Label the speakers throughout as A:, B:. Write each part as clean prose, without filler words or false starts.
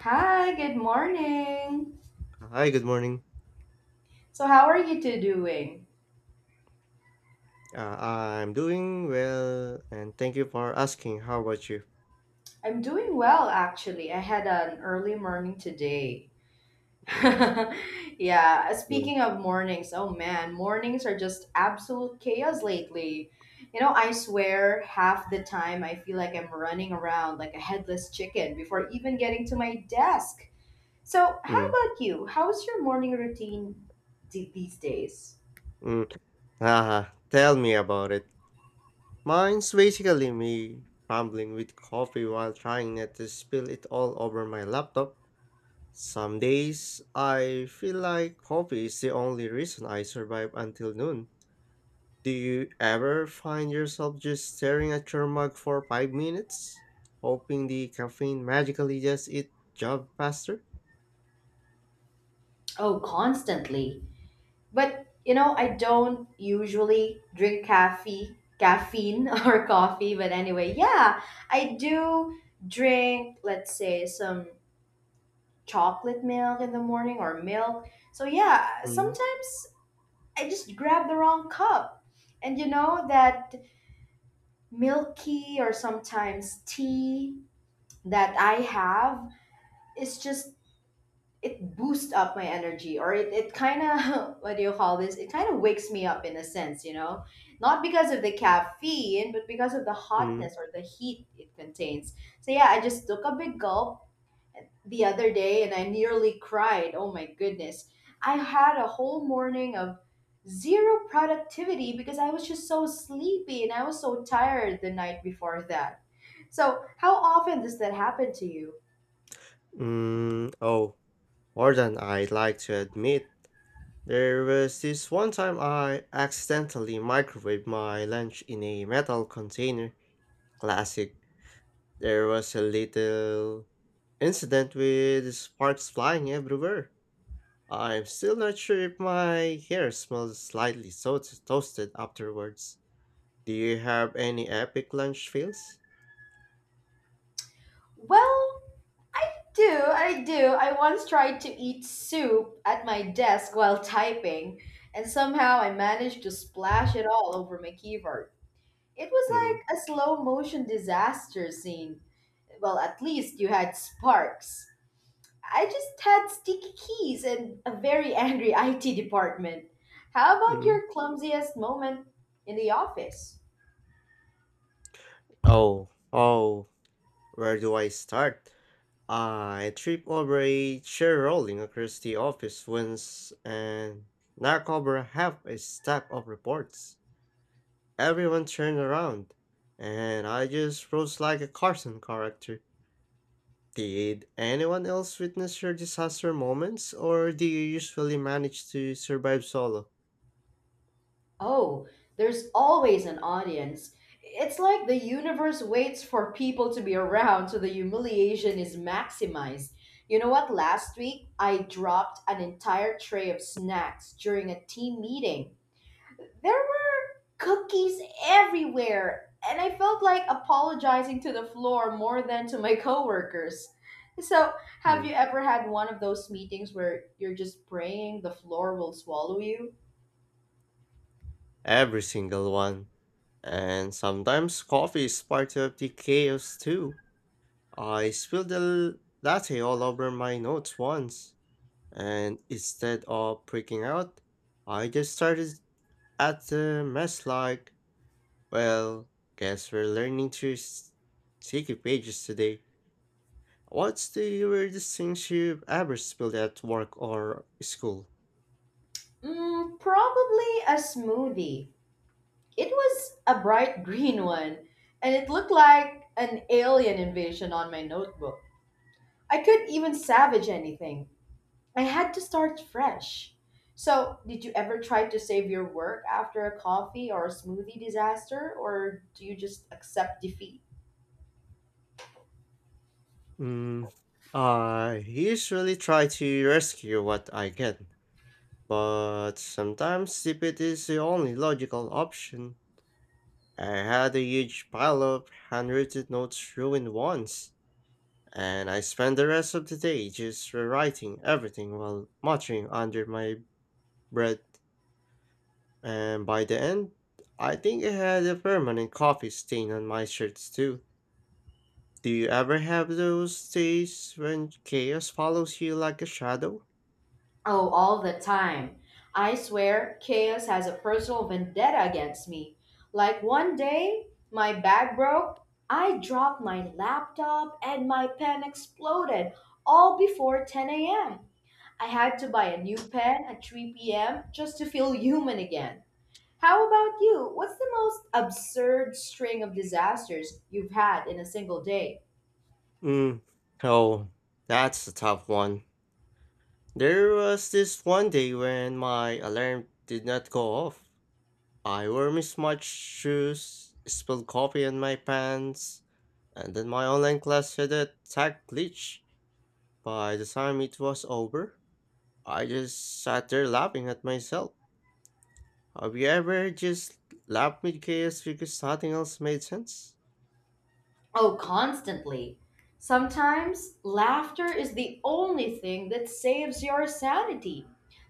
A: Hi, good morning.
B: Hi, good morning.
A: So, how are you two doing?
B: I'm doing well, and thank you for asking. How about you?
A: I'm doing well, actually. I had an early morning today.
B: Mm,
A: Yeah,
B: mm,
A: Speaking of mornings, oh man, mornings are just absolute chaos lately. I swear half the time I feel like I'm running around like a headless chicken before even getting to my desk. So, how
B: mm,
A: about you? How's your morning routine these days?
B: mm. Ah, tell me about it. Mine's basically me fumbling with coffee while trying not to spill it all over my laptop. Some days I feel like coffee is the only reason I survive until noon. Do you ever find yourself just staring at your mug for 5 minutes, hoping the caffeine magically does its job faster?
A: Oh, constantly. But I don't usually drink caffeine or coffee. But anyway, yeah, I do drink, let's say, some chocolate milk in the morning, or milk. So yeah,
B: Mm,
A: sometimes I just grab the wrong cup, and you know that milky, or sometimes tea that I have, is just, it boosts up my energy, or it kind of what do you call this, it kind of wakes me up in a sense, not because of the caffeine, but because of the
B: mm,
A: hotness or the heat it contains. So yeah, I just took a big gulp the other day, and I nearly cried. Oh my goodness, I had a whole morning of zero productivity, because I was just so sleepy, and I was so tired the night before that. So, how often does that happen to you?
B: mm. Oh, more than I'd like to admit. There was this one time I accidentally microwaved my lunch in a metal container. Classic. There was a little incident with sparks flying everywhere. I'm still not sure if my hair smells slightly toasted afterwards. Do you have any epic lunch fails?
A: Well, I do, I do. I once tried to eat soup at my desk while typing, and somehow I managed to splash it all over my keyboard. It was
B: Mm-hmm.
A: like a slow motion disaster scene. Well, at least you had sparks. I just had sticky keys and a very angry IT department. How about
B: Mm-hmm.
A: your clumsiest moment in the office?
B: Oh, where do I start? I tripped over a chair rolling across the office once and knocked over half a stack of reports. Everyone turned around, and I just froze like a cartoon character. Did anyone else witness your disaster moments, or do you usually manage to survive solo?
A: Oh, there's always an audience. It's like the universe waits for people to be around so the humiliation is maximized. You know what? Last week, I dropped an entire tray of snacks during a team meeting. There were cookies everywhere, and I felt like apologizing to the floor more than to my coworkers. So, have
B: Mm.
A: you ever had one of those meetings where you're just praying the floor will swallow you?
B: Every single one. And sometimes coffee is part of the chaos too. I spilled a latte all over my notes once, and instead of freaking out, I just started at the mess like, well, guess we're learning to sticky pages today. What's the weirdest thing you've ever spilled at work or school?
A: Mm, probably a smoothie. It was a bright green one, and it looked like an alien invasion on my notebook. I couldn't even salvage anything. I had to start fresh. So, did you ever try to save your work after a coffee or a smoothie disaster, or do you just accept defeat?
B: Mm, I usually try to rescue what I can, but sometimes sip it is the only logical option. I had a huge pile of handwritten notes ruined once, and I spent the rest of the day just rewriting everything while muttering under my breath. And by the end, I think I had a permanent coffee stain on my shirts too. Do you ever have those days when chaos follows you like a shadow?
A: Oh, all the time. I swear, chaos has a personal vendetta against me. Like one day, my bag broke, I dropped my laptop, and my pen exploded, all before 10 a.m. I had to buy a new pen at 3 p.m. just to feel human again. How about you? What's the most absurd string of disasters you've had in a single day?
B: Mm. Oh, that's a tough one. There was this one day when my alarm did not go off. I wore mismatched shoes, spilled coffee on my pants, and then my online class had a tech glitch. By the time it was over, I just sat there laughing at myself. Have you ever just laughed mid chaos because nothing else made sense?
A: Oh, constantly. Sometimes laughter is the only thing that saves your sanity.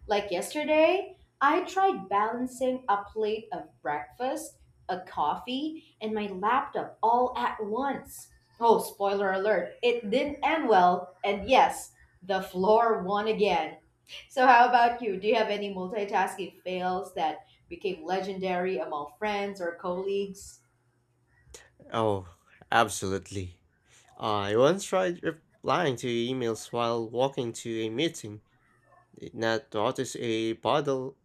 A: Like yesterday, I tried balancing a plate of breakfast, a coffee, and my laptop all at once. Oh, spoiler alert, it didn't end well, and yes, the floor won again. So, how about you? Do you have any multitasking fails that became legendary among friends or colleagues?
B: Oh, absolutely. I once tried replying to emails while walking to a meeting, did not notice a puddle,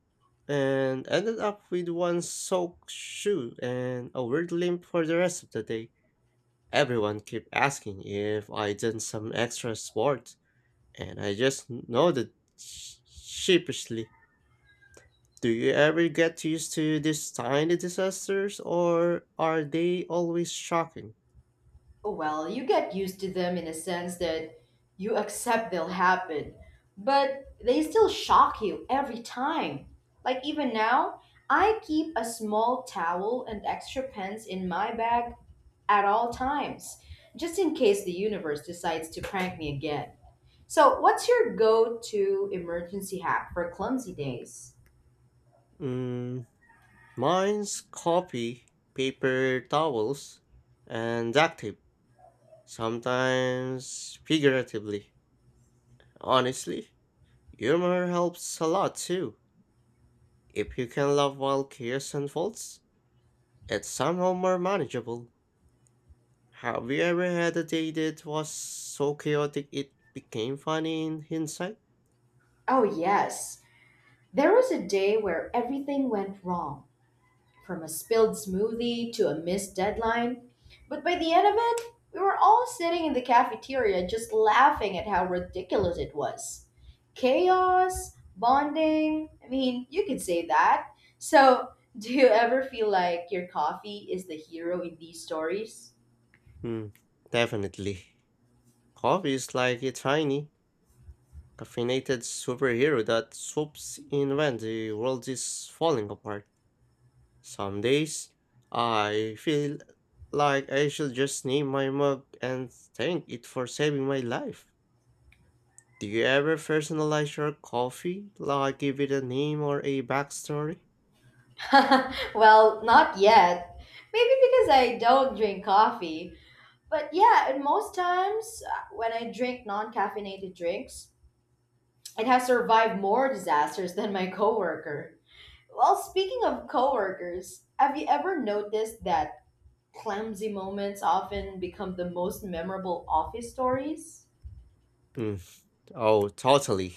B: and ended up with one soaked shoe and a weird limp for the rest of the day. Everyone kept asking if I did some extra sport, and I just nodded sheepishly. Do you ever get used to these tiny disasters, or are they always shocking?
A: Well, you get used to them in a sense that you accept they'll happen, but they still shock you every time. Like even now, I keep a small towel and extra pens in my bag at all times, just in case the universe decides to prank me again. So, what's your go to emergency hack for clumsy days?
B: Mm, mine's copy, paper towels, and duct tape, sometimes figuratively. Honestly, humor helps a lot too. If you can laugh while chaos unfolds, it's somehow more manageable. Have you ever had a day that was so chaotic it became funny in hindsight?
A: Oh, yes. There was a day where everything went wrong, from a spilled smoothie to a missed deadline. But by the end of it, we were all sitting in the cafeteria just laughing at how ridiculous it was. Chaos, bonding, I mean, you could say that. So, do you ever feel like your coffee is the hero in these stories?
B: Hmm, definitely. Coffee is like a tiny, caffeinated superhero that swoops in when the world is falling apart. Some days, I feel like I should just name my mug and thank it for saving my life. Do you ever personalize your coffee, like give it a name or a backstory?
A: Well, not yet. Maybe because I don't drink coffee. But yeah, and most times when I drink non caffeinated drinks, it has survived more disasters than my coworker. Well, speaking of coworkers, have you ever noticed that clumsy moments often become the most memorable office stories?
B: Hmm. Oh, totally.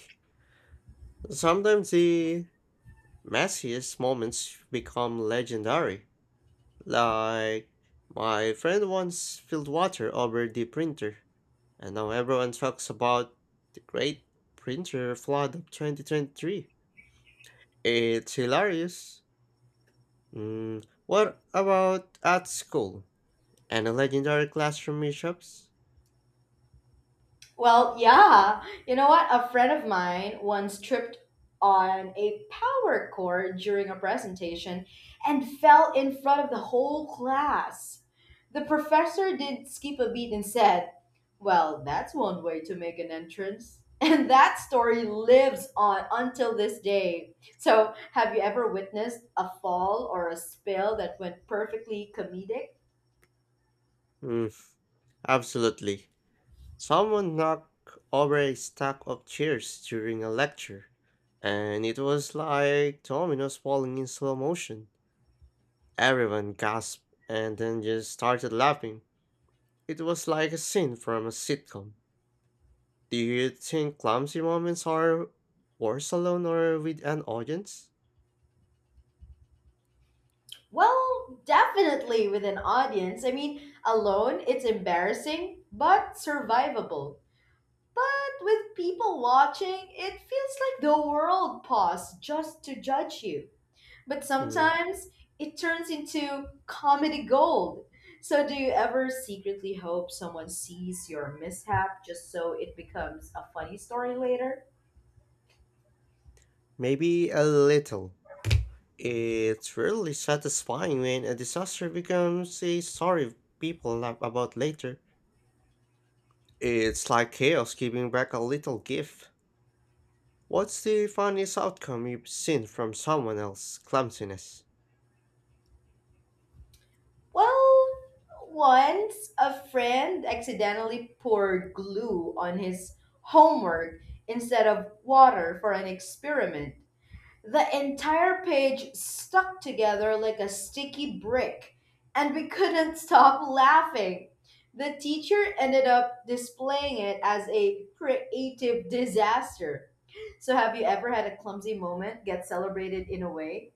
B: Sometimes the messiest moments become legendary. Like, my friend once spilled water over the printer, and now everyone talks about the great printer flood of 2023. It's hilarious. Mm, what about at school? Any legendary classroom mishaps?
A: Well, yeah. You know what? A friend of mine once tripped on a power chord during a presentation and fell in front of the whole class. The professor did skip a beat and said, "Well, that's one way to make an entrance." And that story lives on until this day. So, have you ever witnessed a fall or a spill that went perfectly comedic?
B: Mm, absolutely. Someone knocked over a stack of chairs during a lecture, and it was like dominoes falling in slow motion. Everyone gasped and then just started laughing. It was like a scene from a sitcom. Do you think clumsy moments are worse alone or with an audience?
A: Well, definitely with an audience. I mean, alone, it's embarrassing, but survivable. But with people watching, it feels like the world paused just to judge you. But
B: Hmm,
A: sometimes it turns into comedy gold. So, do you ever secretly hope someone sees your mishap just so it becomes a funny story later?
B: maybe a little. It's really satisfying when a disaster becomes a story people laugh about later. It's like chaos giving back a little gift. What's the funniest outcome you've seen from someone else's clumsiness?
A: Well, once a friend accidentally poured glue on his homework instead of water for an experiment. The entire page stuck together like a sticky brick, and we couldn't stop laughing. The teacher ended up displaying it as a creative disaster. So, have you ever had a clumsy moment get celebrated in a way?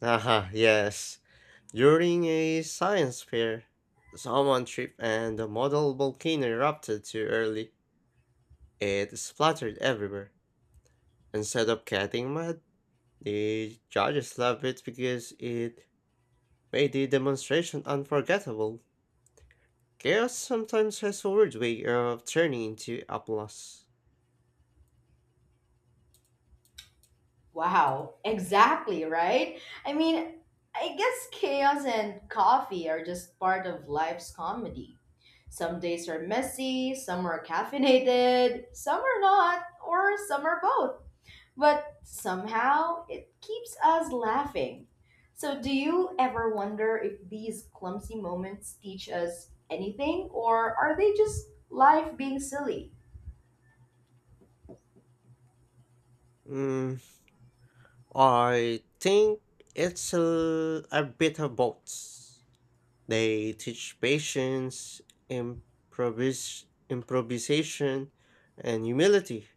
B: Haha, yes. During a science fair, someone tripped and the model volcano erupted too early. It splattered everywhere. Instead of getting mad, the judges loved it because it made the demonstration unforgettable. Chaos sometimes has a weird way of turning into applause.
A: Wow, exactly, right? I mean, I guess chaos and coffee are just part of life's comedy. Some days are messy, some are caffeinated, some are not, or some are both. But somehow it keeps us laughing. So, do you ever wonder if these clumsy moments teach us anything, or are they just life being silly?
B: Mm, I think it's a bit of both. They teach patience, improvisation, and humility,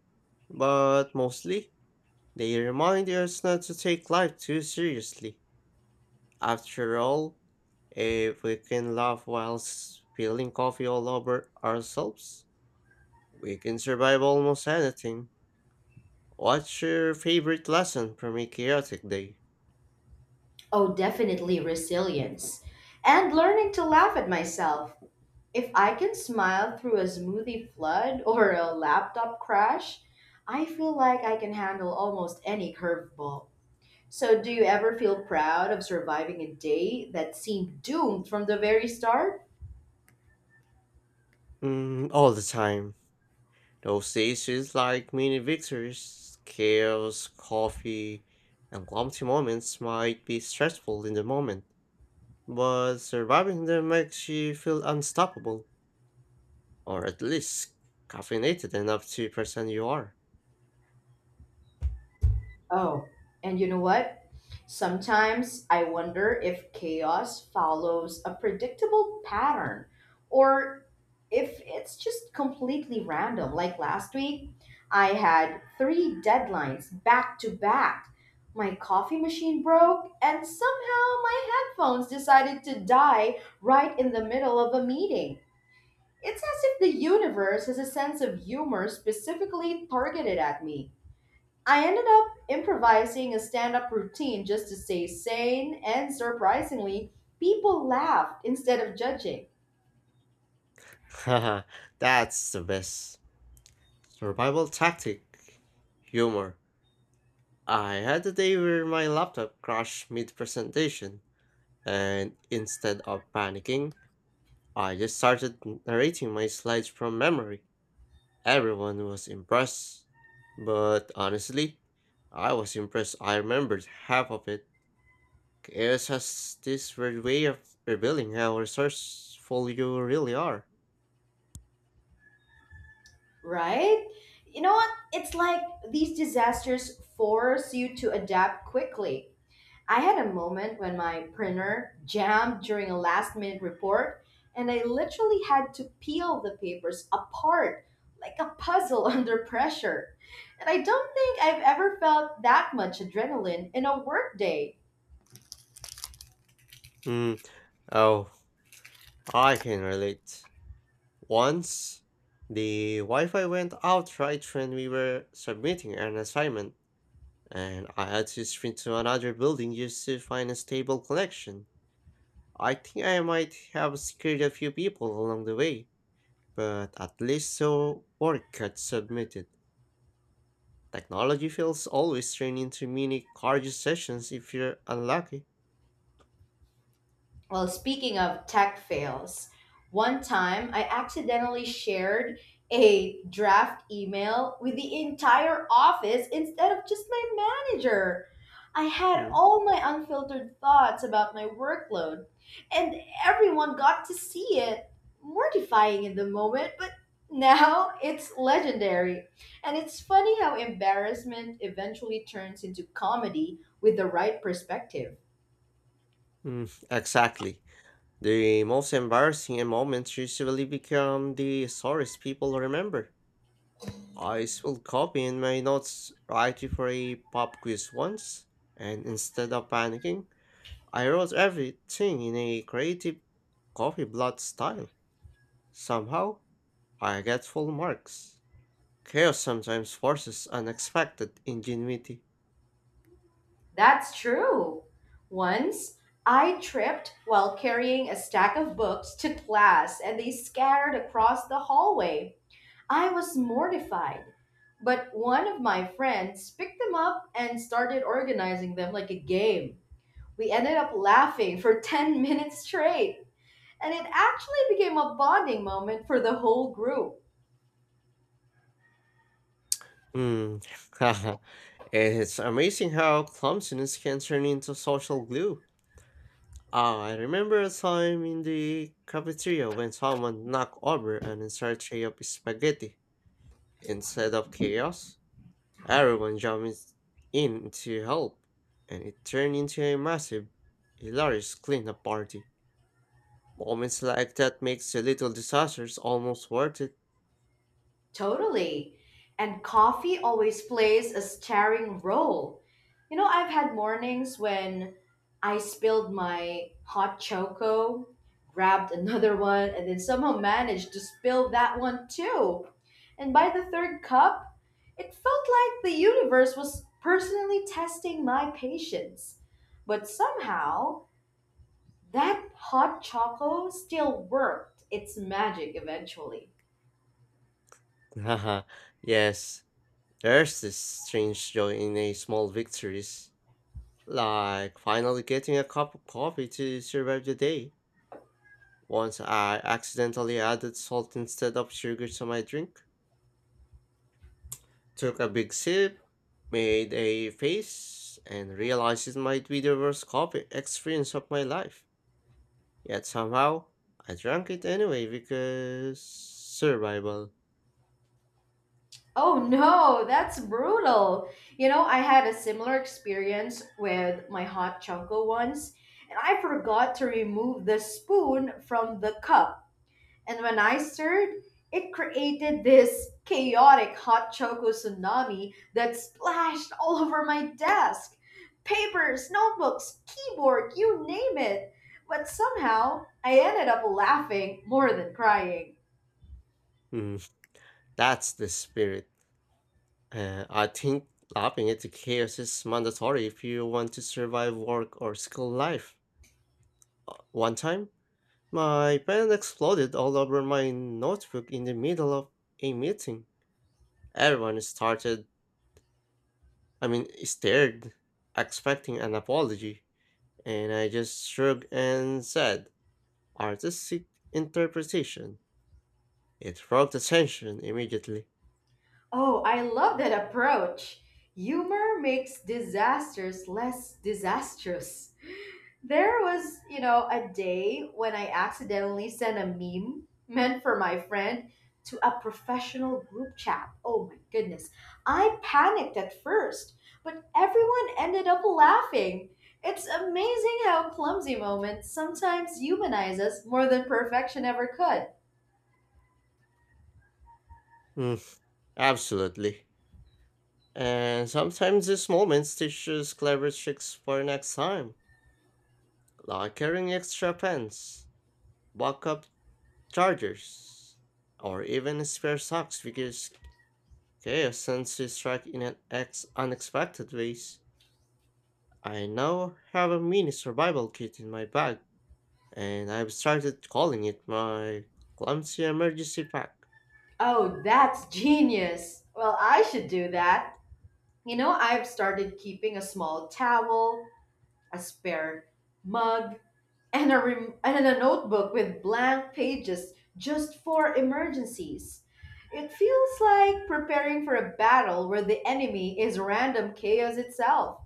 B: but mostly they remind us not to take life too seriously. After all, if we can laugh while spilling coffee all over ourselves, we can survive almost anything. What's your favorite lesson from a chaotic day?
A: Oh, definitely resilience. And learning to laugh at myself. If I can smile through a smoothie flood or a laptop crash, I feel like I can handle almost any curveball. So, do you ever feel proud of surviving a day that seemed doomed from the very start?
B: Mm, all the time. Those stations like mini victories, chaos, coffee, and clumsy moments might be stressful in the moment, but surviving them makes you feel unstoppable, or at least caffeinated enough to pretend you are.
A: Oh, and you know what? Sometimes I wonder if chaos follows a predictable pattern, or if it's just completely random. Like last week, I had three deadlines back to back. My coffee machine broke, and somehow my headphones decided to die right in the middle of a meeting. It's as if the universe has a sense of humor specifically targeted at me. I ended up improvising a stand up routine just to stay sane, and surprisingly, people laughed instead of judging.
B: Haha, that's the best. Survival tactic. Humor. I had a day where my laptop crashed mid presentation, and instead of panicking, I just started narrating my slides from memory. Everyone was impressed, but honestly, I was impressed I remembered half of it. Chaos has this weird way of revealing how resourceful you really are.
A: Right? You know what? It's like these disasters force you to adapt quickly. I had a moment when my printer jammed during a last minute report, and I literally had to peel the papers apart like a puzzle under pressure. And I don't think I've ever felt that much adrenaline in a workday.
B: Hmm. Oh, I can relate. Once, the Wi-Fi went out right when we were submitting an assignment, and I had to sprint to another building just to find a stable connection. I think I might have scared a few people along the way, but at least so work gets submitted. Technology feels always turn into mini cardio sessions if you're unlucky.
A: Well, speaking of tech fails, one time I accidentally shared a draft email with the entire office instead of just my manager. I had
B: Mm,
A: all my unfiltered thoughts about my workload, and everyone got to see it. Mortifying in the moment, but now it's legendary. And it's funny how embarrassment eventually turns into comedy with the right perspective.
B: mm, exactly. The most embarrassing moments usually become the stories people remember. I spilled coffee in my notes right before a pop quiz once, and instead of panicking, I wrote everything in a creative coffee blot style. Somehow, I get full marks. Chaos sometimes forces unexpected ingenuity.
A: That's true. Once I tripped while carrying a stack of books to class and they scattered across the hallway. I was mortified. But one of my friends picked them up and started organizing them like a game. We ended up laughing for 10 minutes straight, and it actually became a bonding moment for the whole group.
B: Hmm, it's amazing how clumsiness can turn into social glue. Ah, I remember a time in the cafeteria when someone knocked over an entire tray of spaghetti. Instead of chaos, everyone jumps in to help, and it turned into a massive, hilarious cleanup party. Moments like that makes the little disasters almost worth it.
A: Totally. And coffee always plays a starring role. I've had mornings when I spilled my hot choco, grabbed another one, and then somehow managed to spill that one too. And by the third cup, it felt like the universe was personally testing my patience. But somehow, that hot choco still worked its magic eventually.
B: Haha, yes, there's this strange joy in a small victories, like finally getting a cup of coffee to survive the day. Once I accidentally added salt instead of sugar to my drink, took a big sip, made a face, and realized it might be the worst coffee experience of my life. Yet somehow, I drank it anyway because survival.
A: Oh no, that's brutal. I had a similar experience with my hot choco once, and I forgot to remove the spoon from the cup. And when I stirred, it created this chaotic hot choco tsunami that splashed all over my desk. Papers, notebooks, keyboard, you name it. But somehow, I ended up laughing more than crying.
B: Hmm, that's the spirit. I think laughing at the chaos is mandatory if you want to survive work or school life. One time, my pen exploded all over my notebook in the middle of a meeting. Everyone started, I mean, stared, expecting an apology, and I just shrugged and said, artistic interpretation. It broke the tension immediately.
A: Oh, I love that approach. Humor makes disasters less disastrous. There was, a day when I accidentally sent a meme meant for my friend to a professional group chat. Oh my goodness, I panicked at first, but everyone ended up laughing. It's amazing how clumsy moments sometimes humanize us more than perfection ever could.
B: Mm, absolutely. And sometimes these moments teach us clever tricks for next time, like carrying extra pens, backup chargers, or even spare socks because chaos tends to strike in an unexpected ways. I now have a mini survival kit in my bag, and I've started calling it my clumsy emergency pack.
A: Oh, that's genius. Well, I should do that. I've started keeping a small towel, a spare mug, and a notebook with blank pages just for emergencies. It feels like preparing for a battle where the enemy is random chaos itself.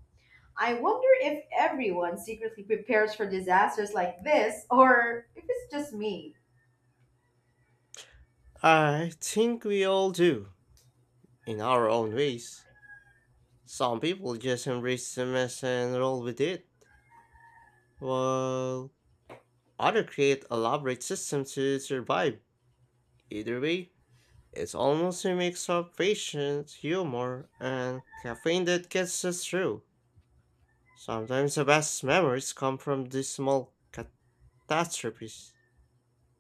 A: I wonder if everyone secretly prepares for disasters like this, or if it's just me.
B: I think we all do, in our own ways. Some people just embrace the mess and roll with it, while others create elaborate systems to survive. Either way, it's almost a mix of patience, humor, and caffeine that gets us through. Sometimes the best memories come from these small catastrophes.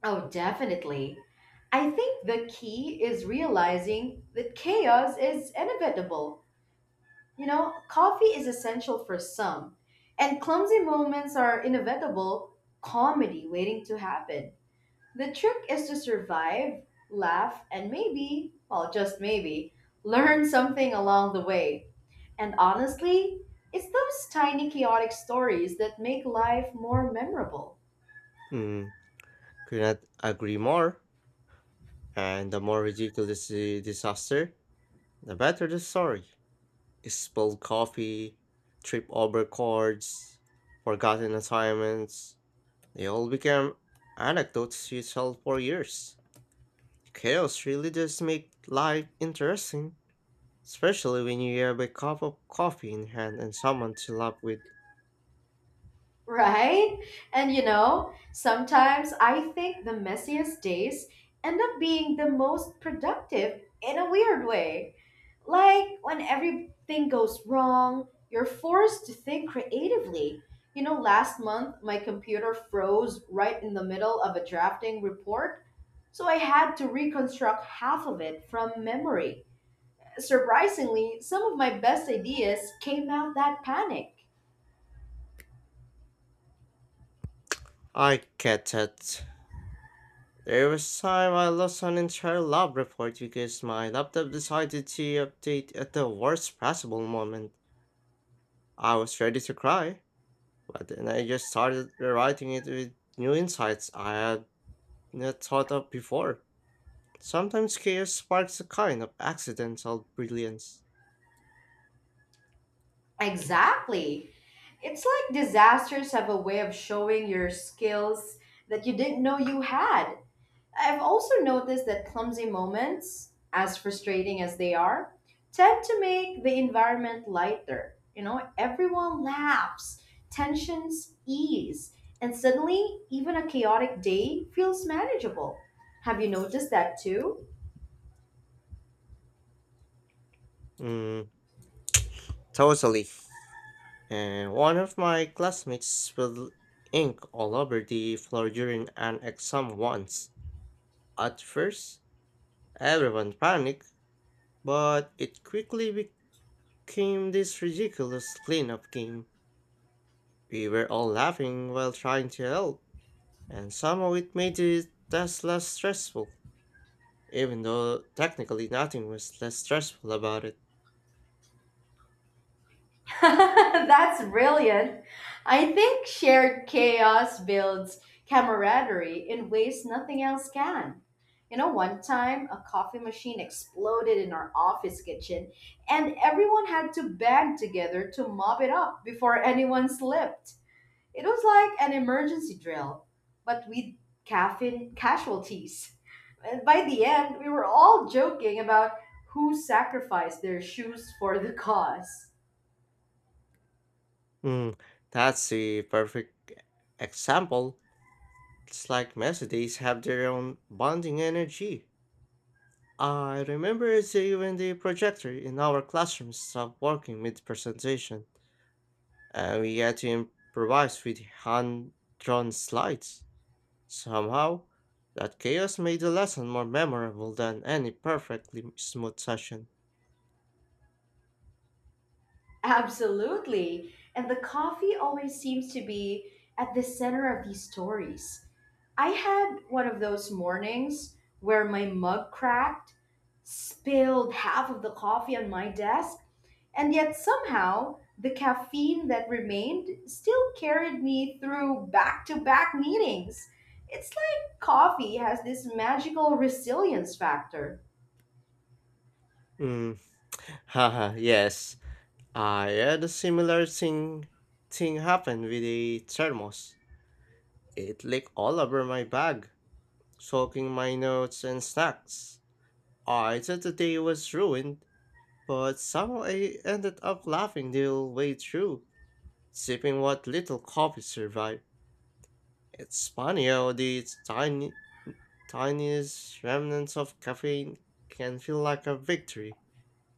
A: Oh, definitely. I think the key is realizing that chaos is inevitable. Coffee is essential for some, and clumsy moments are inevitable comedy waiting to happen. The trick is to survive, laugh, and maybe, well, just maybe, learn something along the way. And honestly, it's those tiny chaotic stories that make life more memorable,
B: Hmm, could not agree more. And the more ridiculous the disaster, the better the story. Spilled coffee, trip over cords, forgotten assignments. They all became anecdotes you tell for years. Chaos really does make life interesting, especially when you have a cup of coffee in hand and someone to laugh with.
A: right? And you know, sometimes I think the messiest days end up being the most productive in a weird way. Like when everything goes wrong, you're forced to think creatively. You know, last month my computer froze right in the middle of a drafting report, so I had to reconstruct half of it from memory. Surprisingly, some of my best ideas came out that panic.
B: I get it. There was time I lost an entire lab report because my laptop decided to update at the worst possible moment. I was ready to cry, but then I just started rewriting it with new insights I had not thought of before. Sometimes chaos sparks a kind of accidental brilliance.
A: Exactly. It's like disasters have a way of showing your skills that you didn't know you had. I've also noticed that clumsy moments, as frustrating as they are, tend to make the environment lighter. You know, everyone laughs, tensions ease, and suddenly even a chaotic day feels manageable. Have you noticed that too?
B: Mm, totally. And one of my classmates spilled ink all over the floor during an exam once. At first, everyone panicked, but it quickly became this ridiculous cleanup game. We were all laughing while trying to help, and somehow it made the task less stressful, even though technically nothing was less stressful about it.
A: That's brilliant. I think shared chaos builds camaraderie in ways nothing else can. You know, one time a coffee machine exploded in our office kitchen, and everyone had to band together to mop it up before anyone slipped. It was like an emergency drill, but with caffeine casualties. And by the end, we were all joking about who sacrificed their shoes for the cause.
B: Hmm, that's the perfect example. It's like messages have their own bonding energy. I remember when the projector in our classroom stopped working mid presentation, and we had to improvise with hand drawn slides. Somehow, that chaos made the lesson more memorable than any perfectly smooth session.
A: Absolutely. And the coffee always seems to be at the center of these stories. I had one of those mornings where my mug cracked, spilled half of the coffee on my desk, and yet somehow the caffeine that remained still carried me through back to back meetings. It's like coffee has this magical resilience factor.
B: Mm. Haha, yes. I had a similar thing happen with a thermos. It leaked all over my bag, soaking my notes and snacks. I thought the day was ruined, but somehow I ended up laughing the whole way through, sipping what little coffee survived. It's funny how these tiny, tiniest remnants of caffeine can feel like a victory.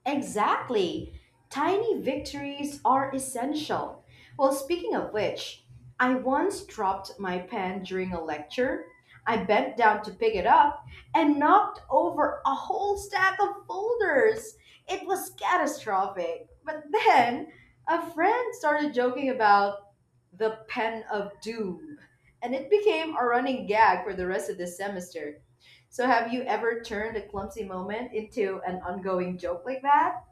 A: Exactly. Tiny victories are essential. Well, speaking of which, I once dropped my pen during a lecture. I bent down to pick it up and knocked over a whole stack of folders. It was catastrophic. But then a friend started joking about the pen of doom, and it became a running gag for the rest of the semester. So, have you ever turned a clumsy moment into an ongoing joke like that?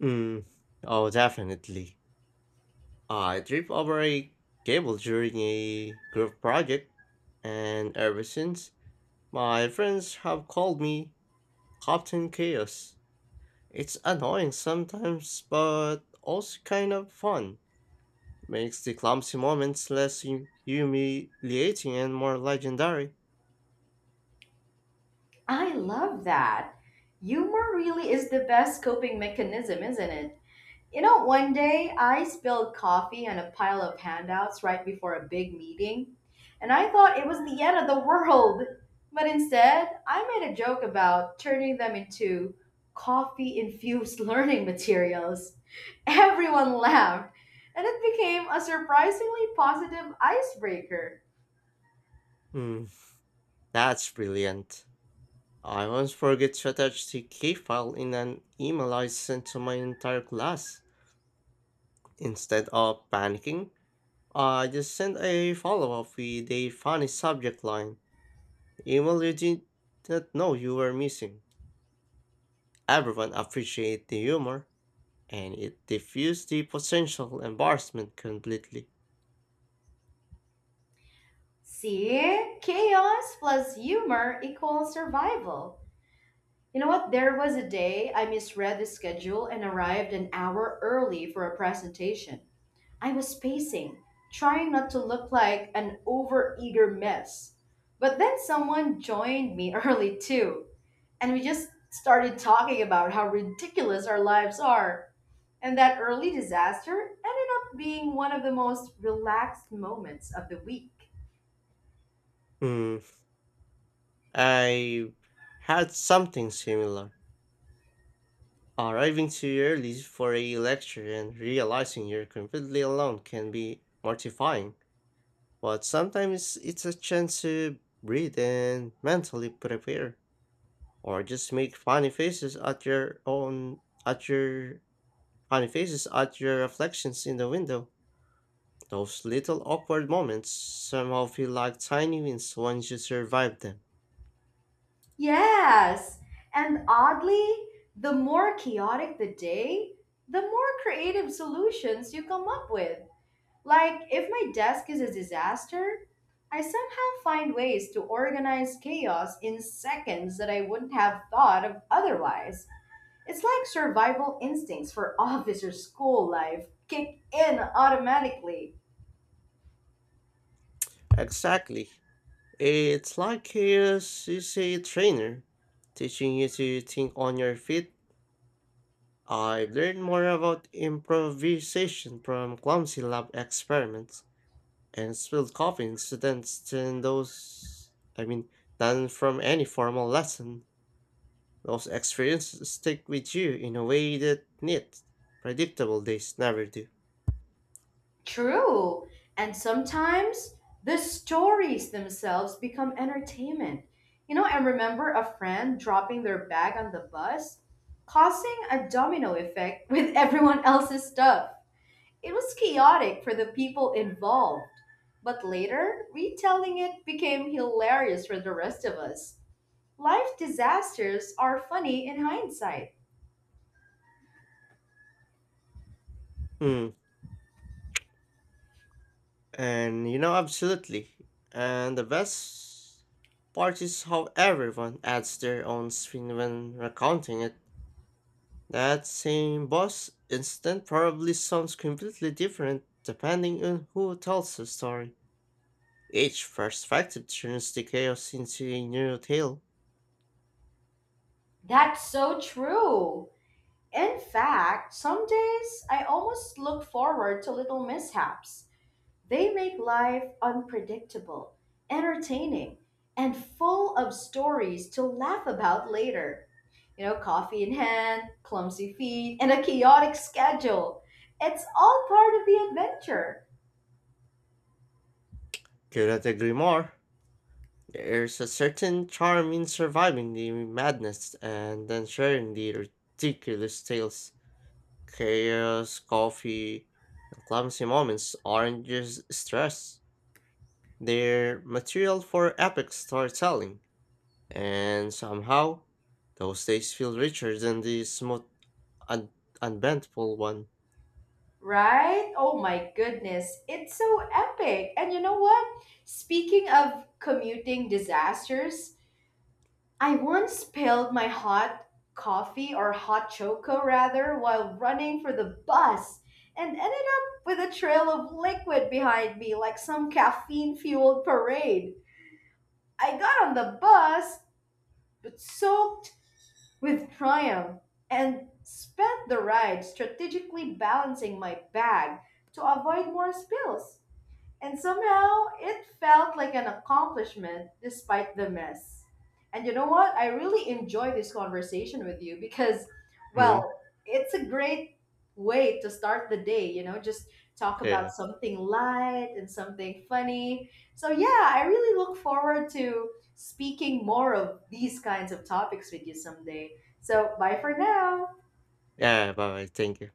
B: Mm. Oh, definitely. I tripped over a cable during a group project, and ever since, my friends have called me Captain Chaos. It's annoying sometimes, but also kind of fun. Makes the clumsy moments less humiliating and more legendary.
A: I love that. Humor really is the best coping mechanism, isn't it? You know, one day I spilled coffee on a pile of handouts right before a big meeting, and I thought it was the end of the world. But instead, I made a joke about turning them into coffee infused learning materials. Everyone laughed, and it became a surprisingly positive icebreaker.
B: Hmm, that's brilliant. I once forget to attach the key file in an email I sent to my entire class. Instead of panicking, I just sent a follow up with a funny subject line. Email you did not know you were missing. Everyone appreciated the humor, and it diffused the potential embarrassment completely.
A: See? Chaos plus humor equals survival. You know what? There was a day I misread the schedule and arrived an hour early for a presentation. I was pacing, trying not to look like an overeager mess. But then someone joined me early too, and we just started talking about how ridiculous our lives are. And that early disaster ended up being one of the most relaxed moments of the week.
B: Hmm, I had something similar. Arriving too early for a lecture and realizing you're completely alone can be mortifying, but sometimes it's a chance to breathe and mentally prepare, or just make funny faces at your own at your funny faces at your reflections in the window. Those little awkward moments somehow feel like tiny wins once you survive them.
A: Yes. And oddly, the more chaotic the day, the more creative solutions you come up with. Like, if my desk is a disaster, I somehow find ways to organize chaos in seconds that I wouldn't have thought of otherwise. It's like survival instincts for officer school life kick in automatically.
B: Exactly. It's like a CC trainer teaching you to think on your feet. I learned more about improvisation from clumsy lab experiments and spilled coffee incidents than those I mean than from any formal lesson. Those experiences stick with you in a way that neat, predictable days never do.
A: True. And sometimes the stories themselves become entertainment. You know, I remember a friend dropping their bag on the bus, causing a domino effect with everyone else's stuff. It was chaotic for the people involved, but later, retelling it became hilarious for the rest of us. Life disasters are funny in hindsight.
B: Mm. And you know, absolutely. And the best part is how everyone adds their own spin when recounting it. That same boss incident probably sounds completely different depending on who tells the story. Each perspective turns the chaos into a new tale.
A: That's so true. In fact, some days I almost look forward to little mishaps. They make life unpredictable, entertaining, and full of stories to laugh about later. You know, coffee in hand, clumsy feet, and a chaotic schedule. It's all part of the adventure,
B: Couldn't agree more. There's a certain charm in surviving the madness and then sharing the ridiculous tales. Chaos, coffee, and clumsy moments aren't just stress. They're material for epic storytelling, and somehow, those days feel richer than the smooth, un- unbendable one.
A: right? Oh my goodness, it's so epic. And you know what? Speaking of commuting disasters, I once spilled my hot coffee or hot choco rather while running for the bus and ended up with a trail of liquid behind me like some caffeine fueled parade. I got on the bus but soaked with triumph and spent the ride strategically balancing my bag to avoid more spills. And somehow it felt like an accomplishment despite the mess. And you know what? I really enjoy this conversation with you because,
B: Mm,
A: well, it's a great way to start the day, you know, just talk about
B: yeah.
A: something light and something funny. So, yeah, I really look forward to speaking more of these kinds of topics with you someday. So, bye for now.
B: Yeah, bye bye. Thank you.